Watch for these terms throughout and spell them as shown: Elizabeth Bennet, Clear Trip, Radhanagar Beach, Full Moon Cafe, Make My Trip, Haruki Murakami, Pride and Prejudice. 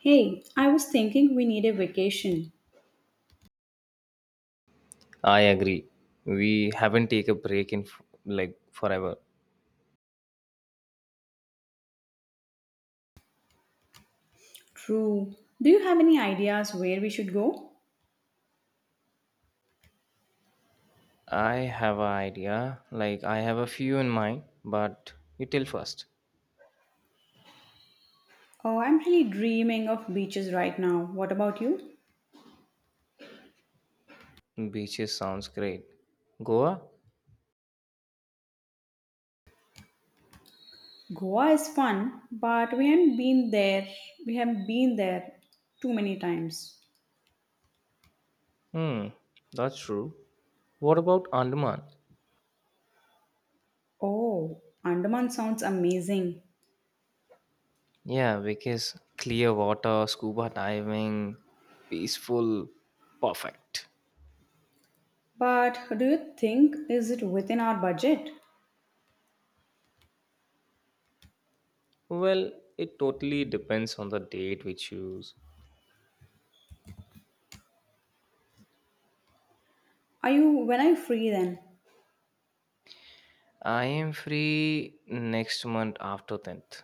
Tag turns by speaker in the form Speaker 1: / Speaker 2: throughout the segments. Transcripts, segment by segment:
Speaker 1: Hey, I was thinking we need a vacation.
Speaker 2: I agree. We haven't take a break in like forever.
Speaker 1: True. Do you have any ideas where we should go?
Speaker 2: I have an idea. Like I have a few in mind, but you tell first.
Speaker 1: Oh, I'm really dreaming of beaches right now. What about you?
Speaker 2: Beaches sounds great. Goa?
Speaker 1: Goa is fun, but we haven't been there. We haven't been there too many times.
Speaker 2: Hmm, that's true. What about Andaman?
Speaker 1: Oh, Andaman sounds amazing.
Speaker 2: Yeah, because clear water, scuba diving, peaceful, perfect.
Speaker 1: But do you think is it within our budget?
Speaker 2: Well, it totally depends on the date we choose.
Speaker 1: Are you when are you free then?
Speaker 2: I am free next month after 10th.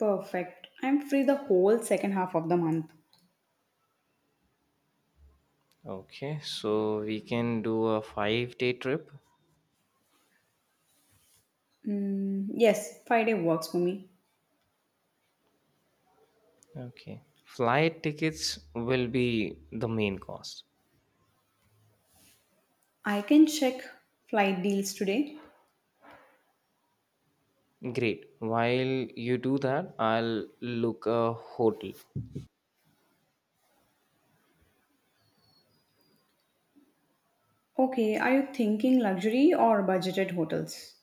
Speaker 1: Perfect. I'm free the whole second half of the month.
Speaker 2: Okay, so we can do a 5-day trip.
Speaker 1: Mm, yes, Friday works for me.
Speaker 2: Okay. Flight tickets will be the main cost.
Speaker 1: I can check flight deals today.
Speaker 2: Great. While you do that, I'll look a hotel.
Speaker 1: Okay, are you thinking luxury or budgeted hotels?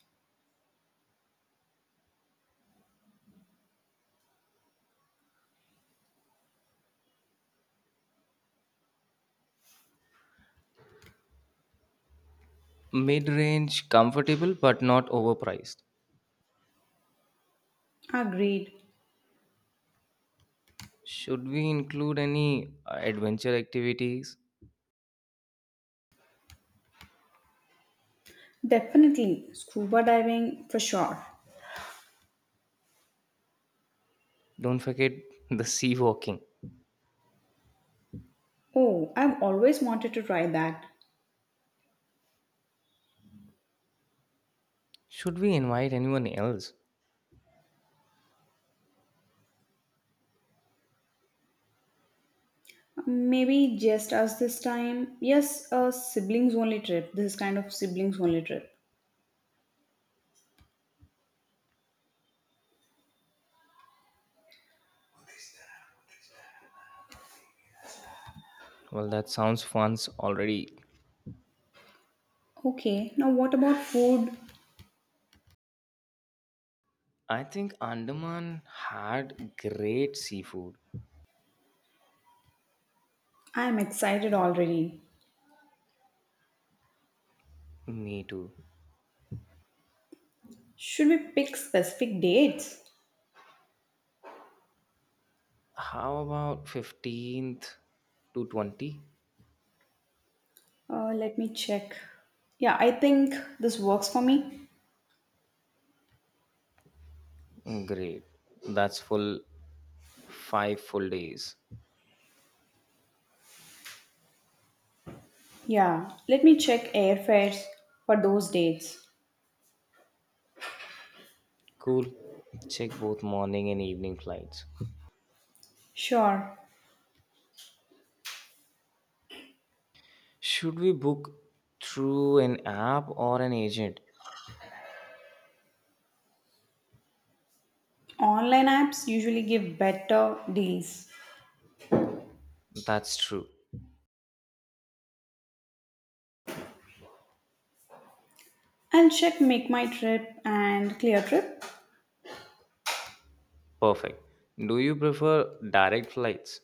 Speaker 2: Mid range, comfortable, but not overpriced.
Speaker 1: Agreed.
Speaker 2: Should we include any adventure activities?
Speaker 1: Definitely scuba diving for sure.
Speaker 2: Don't forget the sea walking.
Speaker 1: Oh, I've always wanted to try that.
Speaker 2: Should we invite anyone else?
Speaker 1: Maybe just us this time. Yes, a siblings only trip. This is kind of siblings only trip.
Speaker 2: Well, that sounds fun already.
Speaker 1: Okay, now what about food?
Speaker 2: I think Andaman had great seafood.
Speaker 1: I'm excited already.
Speaker 2: Me too.
Speaker 1: Should we pick specific dates?
Speaker 2: How about 15th to 20th?
Speaker 1: Let me check. Yeah, I think this works for me.
Speaker 2: Great. That's full five full days.
Speaker 1: Yeah, let me check airfares for those dates.
Speaker 2: Cool. Check both morning and evening flights.
Speaker 1: Sure,
Speaker 2: Should we book through an app or an agent?
Speaker 1: online apps usually give better deals.
Speaker 2: That's true.
Speaker 1: I'll check Make My Trip and Clear Trip.
Speaker 2: Perfect. Do you prefer direct flights?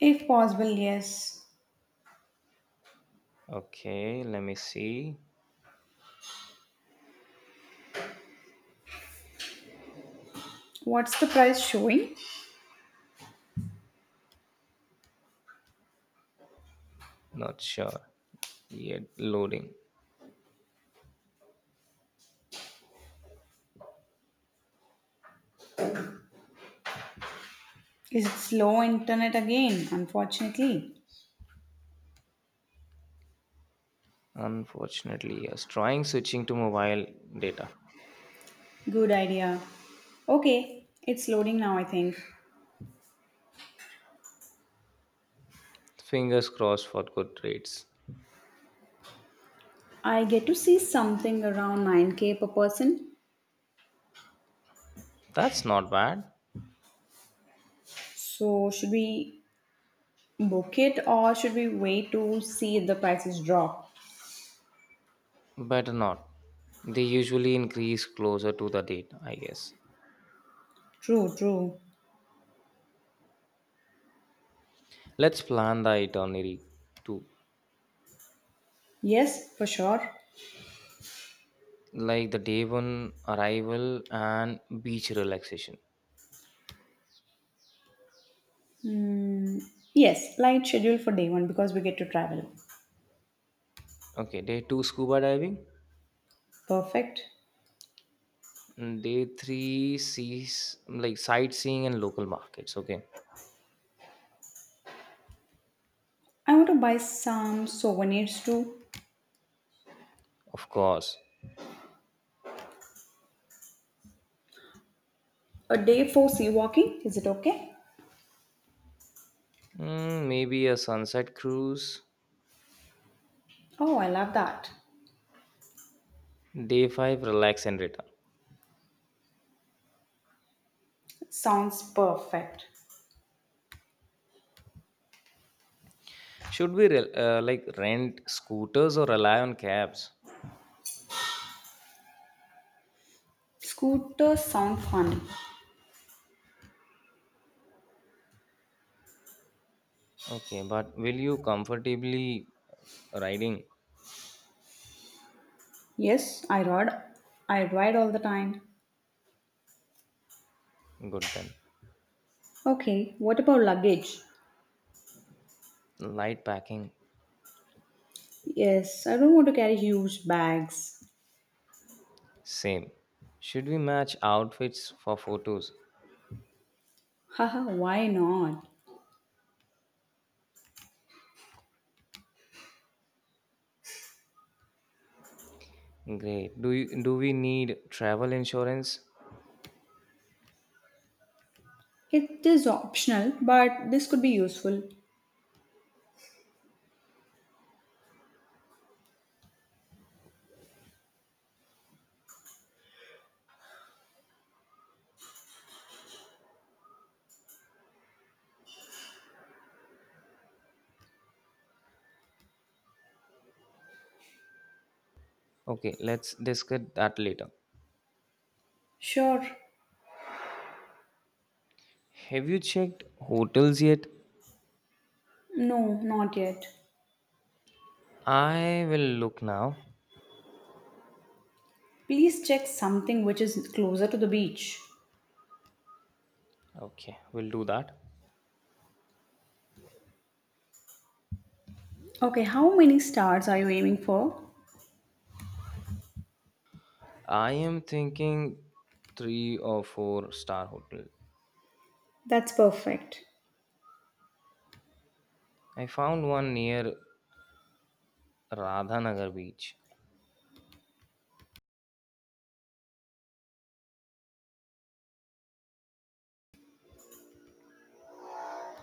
Speaker 1: If possible, yes.
Speaker 2: Okay, let me see.
Speaker 1: What's the price showing?
Speaker 2: Not sure. Yet loading.
Speaker 1: Is it slow internet again, unfortunately?
Speaker 2: Unfortunately, yes. Trying switching to mobile data.
Speaker 1: Good idea. Okay, it's loading now, I think.
Speaker 2: Fingers crossed for good rates.
Speaker 1: I get to see something around 9k per person.
Speaker 2: That's not bad.
Speaker 1: So, should we book it or should we wait to see if the prices drop?
Speaker 2: Better not. They usually increase closer to the date, I guess.
Speaker 1: True, true.
Speaker 2: Let's plan the itinerary too,
Speaker 1: Yes, for sure.
Speaker 2: like the day one arrival and beach relaxation.
Speaker 1: Yes, light schedule for day one because we get to travel.
Speaker 2: Okay, day two scuba diving,
Speaker 1: Perfect.
Speaker 2: and day three sees like sightseeing and local markets. Okay,
Speaker 1: I want to buy some souvenirs too.
Speaker 2: of course.
Speaker 1: A day for sea walking. Is it okay?
Speaker 2: Maybe a sunset cruise.
Speaker 1: Oh, I love that.
Speaker 2: Day five relax and return.
Speaker 1: Sounds perfect.
Speaker 2: Should we like rent scooters or rely on cabs?
Speaker 1: Scooters sound fun.
Speaker 2: Okay, but will you comfortably riding?
Speaker 1: Yes, I ride all the time.
Speaker 2: Good then.
Speaker 1: Okay, what about luggage?
Speaker 2: Light packing,
Speaker 1: Yes, I don't want to carry huge bags.
Speaker 2: same. Should we match outfits for photos?
Speaker 1: Haha, why not?
Speaker 2: Great. Do we need travel insurance?
Speaker 1: It is optional, but this could be useful.
Speaker 2: Okay, let's discuss that later.
Speaker 1: Sure.
Speaker 2: Have you checked hotels yet?
Speaker 1: No, not yet.
Speaker 2: I will look now.
Speaker 1: Please check something which is closer to the beach.
Speaker 2: Okay, we'll do that.
Speaker 1: Okay, how many stars are you aiming for?
Speaker 2: I am thinking three or four-star hotel.
Speaker 1: That's perfect.
Speaker 2: I found one near Radhanagar Beach.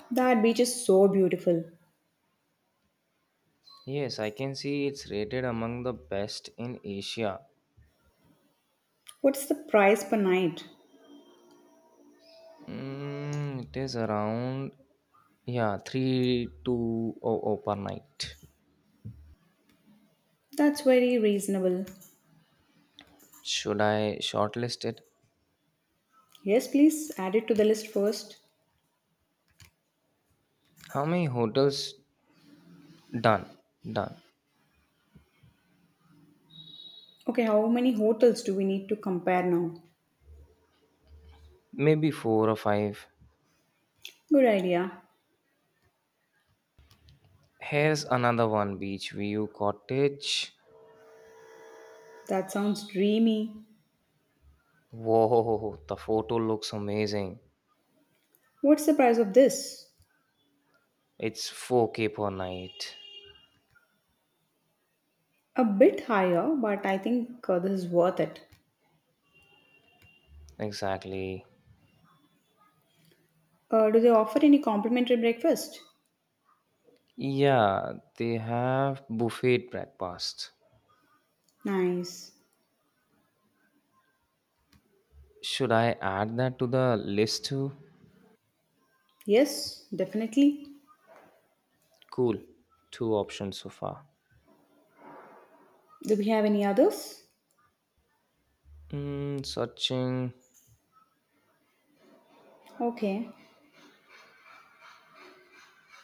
Speaker 1: That beach is so beautiful.
Speaker 2: Yes, I can see it's rated among the best in Asia.
Speaker 1: What's the price per night?
Speaker 2: It is around yeah 3,200 per night.
Speaker 1: That's very reasonable.
Speaker 2: Should I shortlist it?
Speaker 1: Yes, please add it to the list first.
Speaker 2: How many hotels? Done, done.
Speaker 1: Okay, how many hotels do we need to compare now?
Speaker 2: Maybe four or five.
Speaker 1: Good idea.
Speaker 2: Here's another one, beach view cottage.
Speaker 1: That sounds dreamy.
Speaker 2: Whoa, the photo looks amazing.
Speaker 1: What's the price of this?
Speaker 2: It's 4K per night.
Speaker 1: A bit higher, but I think this is worth it.
Speaker 2: Exactly.
Speaker 1: Do they offer any complimentary breakfast?
Speaker 2: Yeah, they have buffet breakfast.
Speaker 1: Nice.
Speaker 2: Should I add that to the list too?
Speaker 1: Yes, definitely.
Speaker 2: Cool. Two options so far.
Speaker 1: Do we have any others?
Speaker 2: Searching.
Speaker 1: Okay.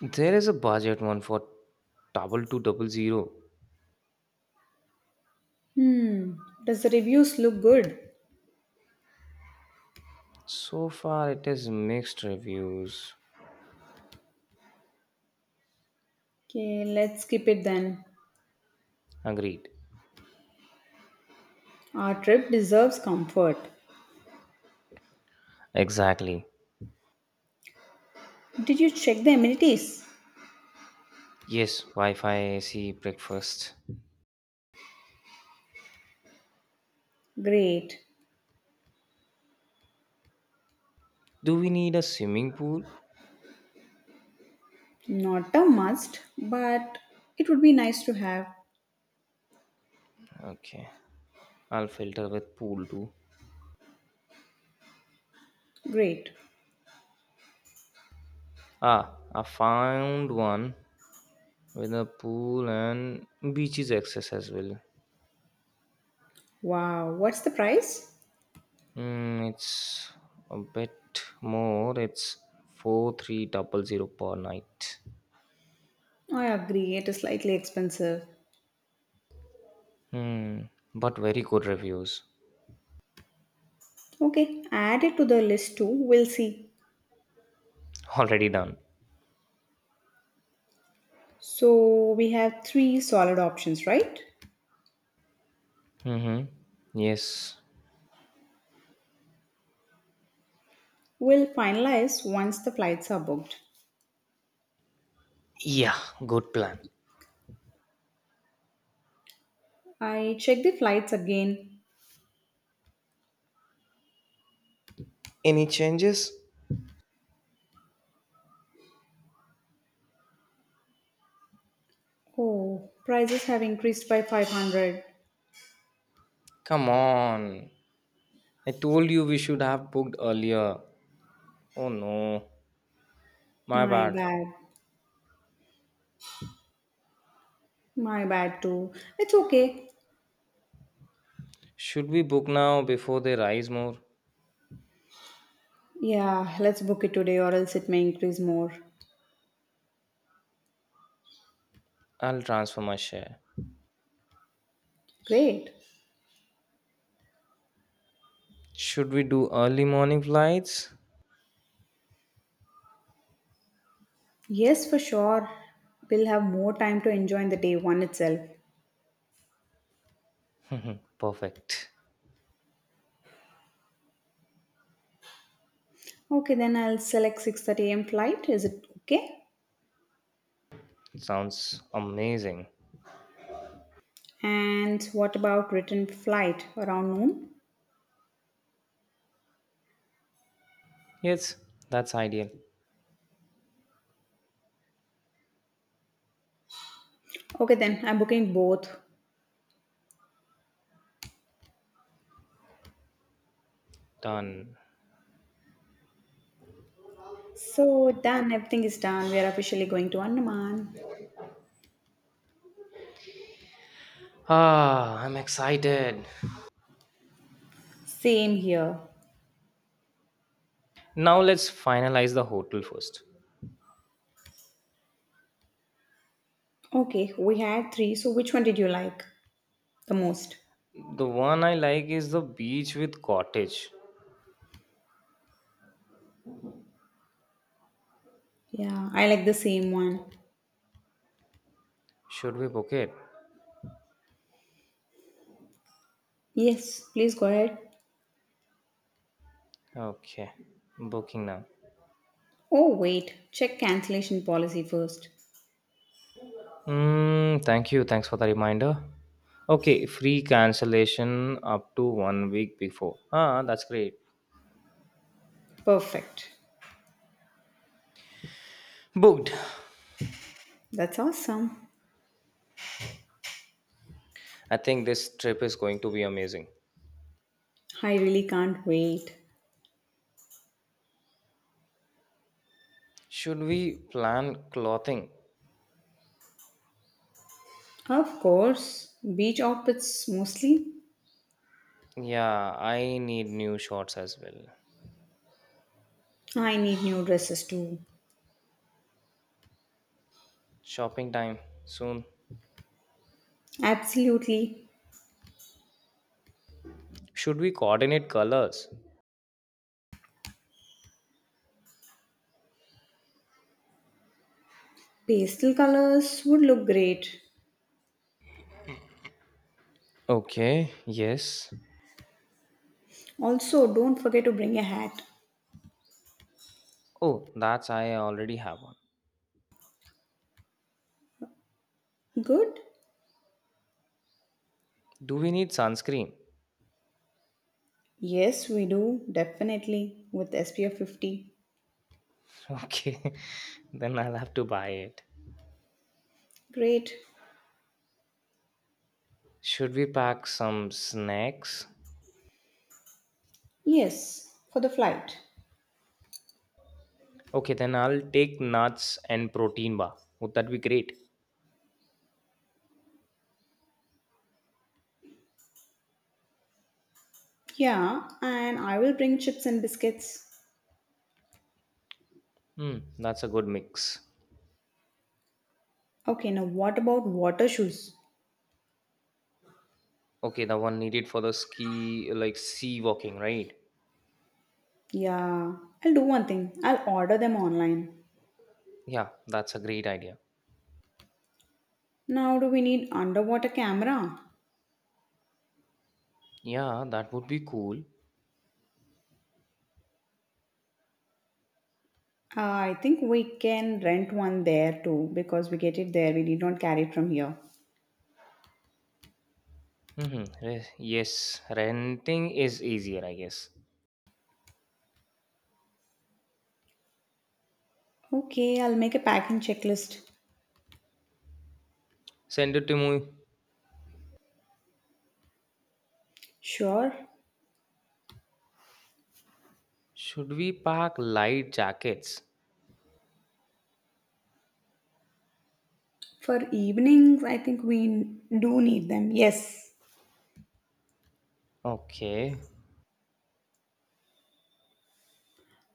Speaker 2: There is a budget one for 2,200.
Speaker 1: Hmm. Does the reviews look good?
Speaker 2: So far, it is mixed reviews.
Speaker 1: Okay, let's skip it then.
Speaker 2: Agreed.
Speaker 1: Our trip deserves comfort.
Speaker 2: Exactly.
Speaker 1: Did you check the amenities?
Speaker 2: Yes, Wi-Fi, AC, breakfast.
Speaker 1: Great.
Speaker 2: Do we need a swimming pool?
Speaker 1: Not a must, but it would be nice to have.
Speaker 2: Okay, I'll filter with pool too.
Speaker 1: Great.
Speaker 2: Ah, I found one, with a pool and beaches access as well.
Speaker 1: Wow, what's the price?
Speaker 2: It's a bit more. It's 4,300 per night.
Speaker 1: I agree, it is slightly expensive.
Speaker 2: Hmm. But very good reviews.
Speaker 1: Okay, add it to the list too. We'll see.
Speaker 2: Already done.
Speaker 1: So we have three solid options, right?
Speaker 2: Mm-hmm. Yes.
Speaker 1: We'll finalize once the flights are booked.
Speaker 2: Yeah. Good plan.
Speaker 1: I checked the flights again.
Speaker 2: Any changes?
Speaker 1: Oh, prices have increased by 500.
Speaker 2: Come on. I told you we should have booked earlier. Oh no. My
Speaker 1: My
Speaker 2: bad.
Speaker 1: bad. My bad too. It's okay.
Speaker 2: Should we book now before they rise more?
Speaker 1: Yeah, let's book it today or else it may increase more.
Speaker 2: I'll transfer my share.
Speaker 1: Great.
Speaker 2: Should we do early morning flights?
Speaker 1: Yes, for sure. We'll have more time to enjoy in the day one itself.
Speaker 2: Perfect.
Speaker 1: Okay, then I'll select 6:30 a.m. flight. Is it okay?
Speaker 2: Sounds amazing.
Speaker 1: And what about return flight around noon?
Speaker 2: Yes, that's ideal.
Speaker 1: Okay, then I'm booking both.
Speaker 2: Done.
Speaker 1: So done, everything is done. We are officially going to Andaman.
Speaker 2: Ah, I'm excited.
Speaker 1: Same here.
Speaker 2: Now let's finalize the hotel first.
Speaker 1: Okay, we had three. So which one did you like the most?
Speaker 2: The one I like is the beach with cottage.
Speaker 1: Yeah, I like the same one.
Speaker 2: Should we book it?
Speaker 1: Yes, please go ahead.
Speaker 2: Okay, booking now.
Speaker 1: Oh, wait, check cancellation policy first.
Speaker 2: Thank you. Thanks for the reminder. Okay, free cancellation up to one week before. Ah, that's great.
Speaker 1: Perfect.
Speaker 2: Booked.
Speaker 1: That's awesome.
Speaker 2: I think this trip is going to be amazing.
Speaker 1: I really can't wait.
Speaker 2: Should we plan clothing?
Speaker 1: Of course, beach outfits mostly.
Speaker 2: Yeah, I need new shorts as well.
Speaker 1: I need new dresses too.
Speaker 2: Shopping time soon.
Speaker 1: Absolutely.
Speaker 2: Should we coordinate colors?
Speaker 1: Pastel colors would look great.
Speaker 2: Okay, yes.
Speaker 1: Also, don't forget to bring a hat.
Speaker 2: Oh, that's I already have one.
Speaker 1: Good?
Speaker 2: Do we need sunscreen?
Speaker 1: Yes, we do, definitely, with SPF 50.
Speaker 2: Okay, then I'll have to buy it.
Speaker 1: Great.
Speaker 2: Should we pack some snacks?
Speaker 1: Yes, for the flight.
Speaker 2: Okay, then I'll take nuts and protein bar. Would that be great?
Speaker 1: Yeah, and I will bring chips and biscuits.
Speaker 2: Hmm, that's a good mix.
Speaker 1: Okay, now what about water shoes?
Speaker 2: Okay, the one needed for the ski, like sea walking, right?
Speaker 1: Yeah, I'll do one thing. I'll order them online.
Speaker 2: Yeah, that's a great idea.
Speaker 1: Now, do we need underwater camera?
Speaker 2: Yeah, that would be cool.
Speaker 1: I think we can rent one there too because we get it there. We need not carry it from here.
Speaker 2: Mm-hmm. Yes, renting is easier, I guess.
Speaker 1: Okay, I'll make a packing checklist.
Speaker 2: Send it to me.
Speaker 1: Sure.
Speaker 2: Should we pack light jackets?
Speaker 1: For evenings, I think we do need them. Yes.
Speaker 2: Okay.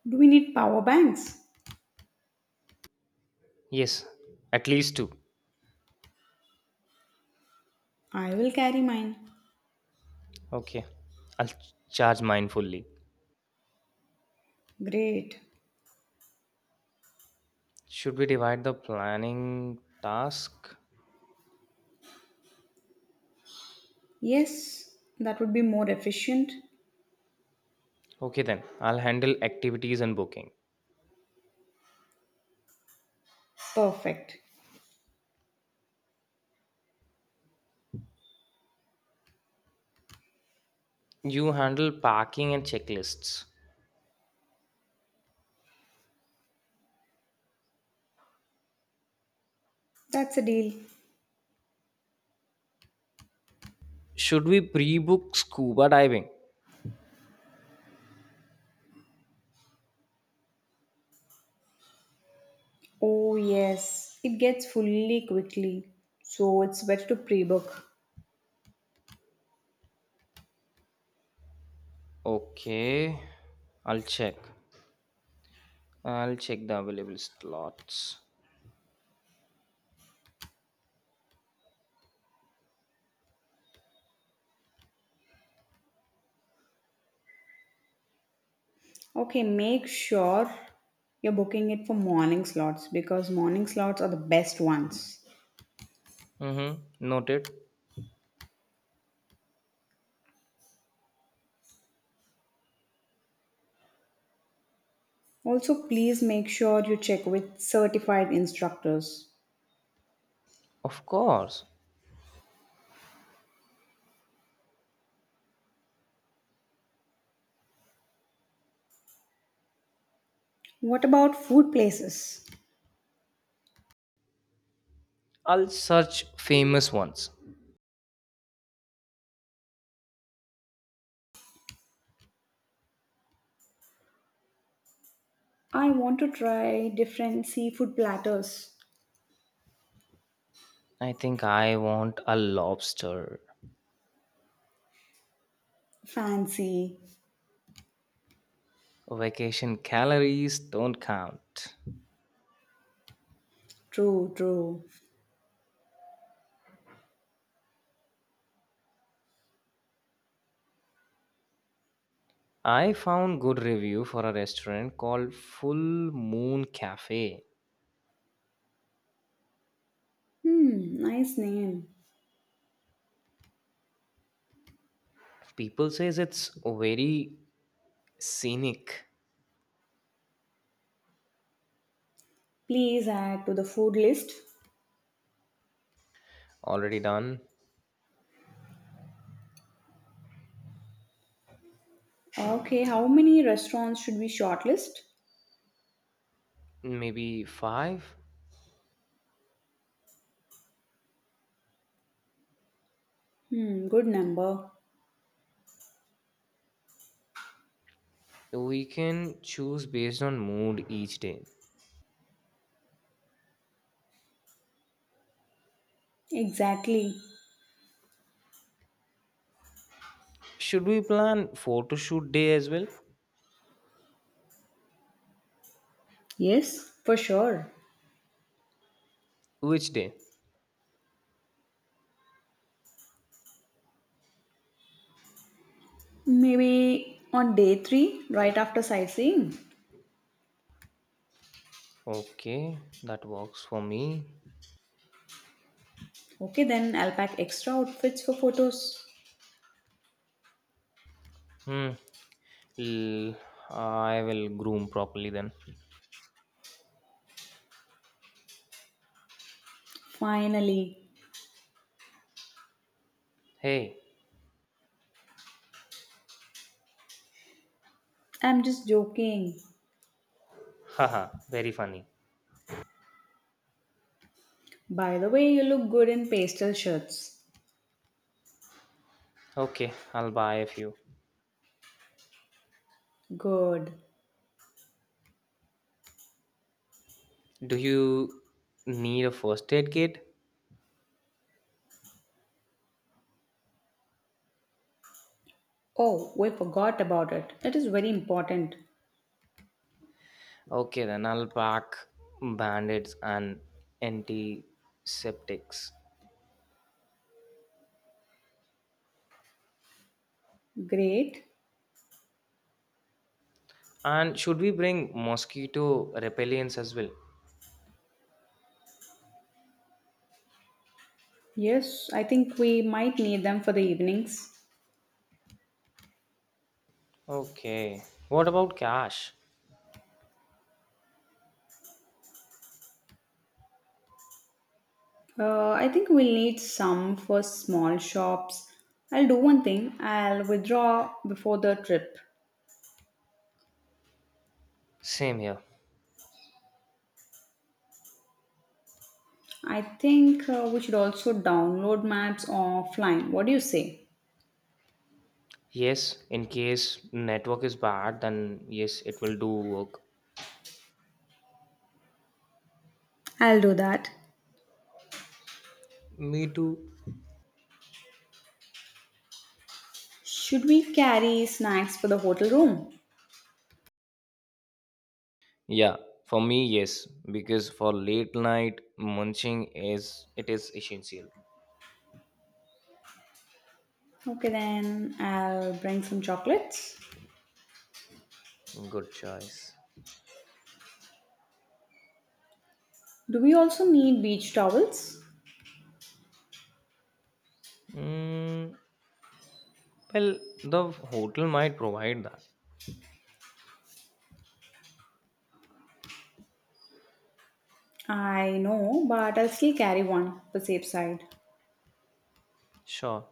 Speaker 1: Do we need power banks?
Speaker 2: Yes, at least two.
Speaker 1: I will carry mine.
Speaker 2: Okay. I'll charge mindfully.
Speaker 1: Great.
Speaker 2: Should we divide the planning task?
Speaker 1: Yes, that would be more efficient.
Speaker 2: Okay, then. I'll handle activities and booking.
Speaker 1: Perfect.
Speaker 2: You handle packing and checklists.
Speaker 1: That's a deal.
Speaker 2: Should we pre book scuba diving?
Speaker 1: Oh, yes. It gets fully quickly. So it's better to pre book.
Speaker 2: Okay. I'll check. I'll check the available slots.
Speaker 1: Okay, make sure you're booking it for morning slots because morning slots are the best ones.
Speaker 2: Mm-hmm. Noted.
Speaker 1: Also, please make sure you check with certified instructors.
Speaker 2: Of course.
Speaker 1: What about food places?
Speaker 2: I'll search famous ones.
Speaker 1: I want to try different seafood platters.
Speaker 2: I think I want a lobster.
Speaker 1: Fancy.
Speaker 2: Vacation calories don't count.
Speaker 1: True, true.
Speaker 2: I found good review for a restaurant called Full Moon Cafe.
Speaker 1: Hmm, nice name.
Speaker 2: People says it's very scenic.
Speaker 1: Please add to the food list.
Speaker 2: Already done.
Speaker 1: Okay, how many restaurants should we shortlist?
Speaker 2: Maybe five.
Speaker 1: Hmm, good number.
Speaker 2: We can choose based on mood each day.
Speaker 1: Exactly.
Speaker 2: Should we plan photo shoot day as well?
Speaker 1: Yes, for sure.
Speaker 2: Which day?
Speaker 1: Maybe on day three, right after sightseeing.
Speaker 2: Okay, that works for me.
Speaker 1: Okay, then I'll pack extra outfits for photos.
Speaker 2: Hmm. l- I will groom properly then.
Speaker 1: Finally.
Speaker 2: Hey,
Speaker 1: I'm just joking.
Speaker 2: haha, very funny.
Speaker 1: By the way, you look good in pastel shirts.
Speaker 2: Okay, I'll buy a few.
Speaker 1: Good.
Speaker 2: Do you need a first aid kit?
Speaker 1: Oh, we forgot about it. It is very important.
Speaker 2: Okay, then I'll pack bandits and antiseptics.
Speaker 1: Great.
Speaker 2: And should we bring mosquito repellents as well?
Speaker 1: Yes, I think we might need them for the evenings.
Speaker 2: Okay. What about cash?
Speaker 1: I think we'll need some for small shops. I'll do one thing. I'll withdraw before the trip.
Speaker 2: Same here.
Speaker 1: I think we should also download maps offline. What do you say?
Speaker 2: Yes, in case network is bad, then yes, it will do work.
Speaker 1: I'll do that.
Speaker 2: Me too.
Speaker 1: Should we carry snacks for the hotel room?
Speaker 2: Yeah, for me, yes, because for late night munching is it is essential.
Speaker 1: Okay, then I'll bring some chocolates.
Speaker 2: Good choice.
Speaker 1: Do we also need beach towels?
Speaker 2: Mm, well, the hotel might provide that.
Speaker 1: I know, but I'll still carry one for safe side.
Speaker 2: Sure.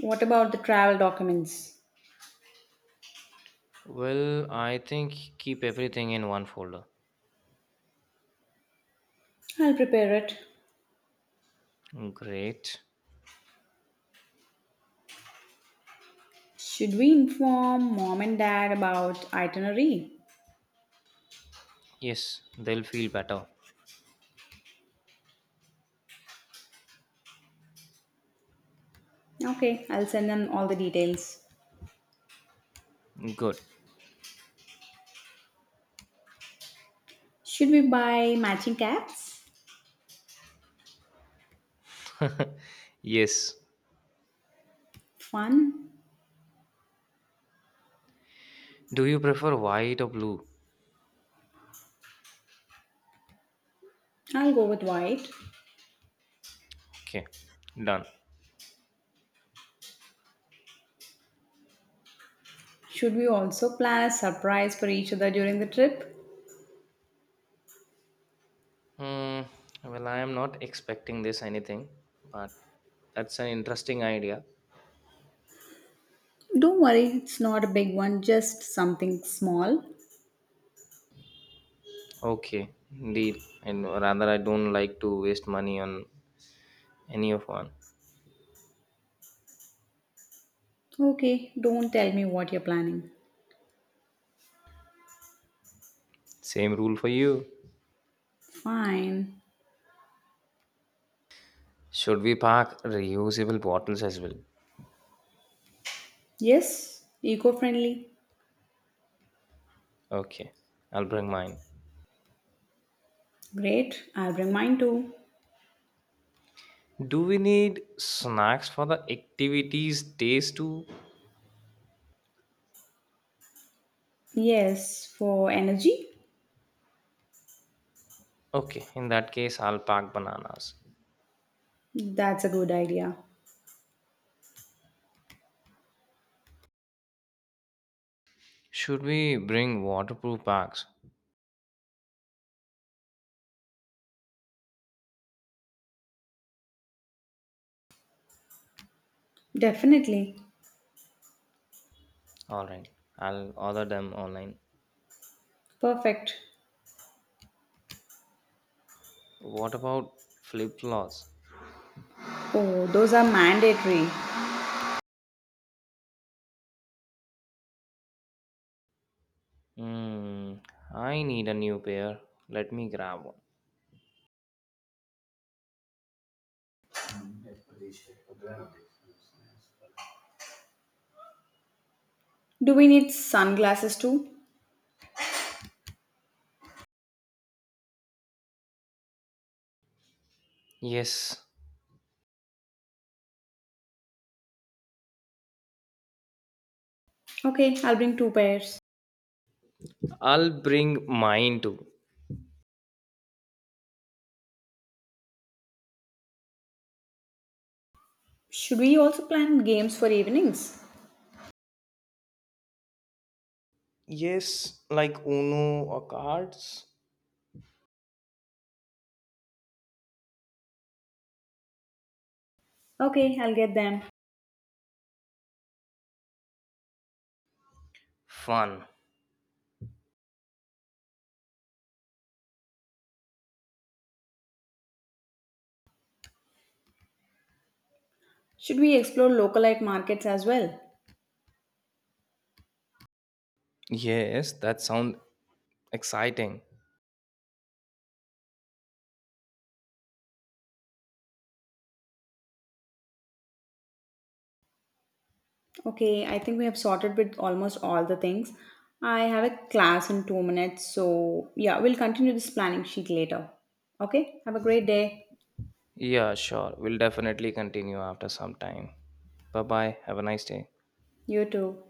Speaker 1: What about the travel documents?
Speaker 2: Well, I think keep everything in one folder.
Speaker 1: I'll prepare it.
Speaker 2: Great.
Speaker 1: Should we inform mom and dad about itinerary?
Speaker 2: Yes, they'll feel better.
Speaker 1: Okay, I'll send them all the details.
Speaker 2: Good.
Speaker 1: Should we buy matching caps?
Speaker 2: yes.
Speaker 1: Fun.
Speaker 2: Do you prefer white or blue?
Speaker 1: I'll go with white.
Speaker 2: Okay, done.
Speaker 1: Should we also plan a surprise for each other during the trip?
Speaker 2: Hmm. Well, I am not expecting this anything, but that's an interesting idea.
Speaker 1: Don't worry, it's not a big one, just something small.
Speaker 2: Okay, deal. And rather, I don't like to waste money on any of one.
Speaker 1: Okay, don't tell me what you're planning.
Speaker 2: Same rule for you.
Speaker 1: Fine.
Speaker 2: Should we pack reusable bottles as well?
Speaker 1: Yes, eco friendly.
Speaker 2: Okay, I'll bring mine.
Speaker 1: Great, I'll bring mine too.
Speaker 2: Do we need snacks for the activities days too?
Speaker 1: Yes, for energy?
Speaker 2: Okay, in that case, I'll pack bananas.
Speaker 1: That's a good idea.
Speaker 2: Should we bring waterproof bags?
Speaker 1: Definitely.
Speaker 2: All right, I'll order them online.
Speaker 1: Perfect.
Speaker 2: What about flip-flops?
Speaker 1: Oh, those are mandatory.
Speaker 2: Hmm, I need a new pair. Let me grab one.
Speaker 1: Do we need sunglasses too?
Speaker 2: Yes,
Speaker 1: Okay, I'll bring two pairs.
Speaker 2: I'll bring mine too.
Speaker 1: Should we also plan games for evenings?
Speaker 2: Yes, like Uno or cards.
Speaker 1: Okay, I'll get them.
Speaker 2: Fun.
Speaker 1: Should we explore local light markets as well?
Speaker 2: Yes, that sounds exciting.
Speaker 1: Okay, I think we have sorted with almost all the things. I have a class in 2 minutes, so yeah, we'll continue this planning sheet later. Okay, have a great day.
Speaker 2: Yeah, sure. We'll definitely continue after some time. Bye bye. Have a nice day.
Speaker 1: You too.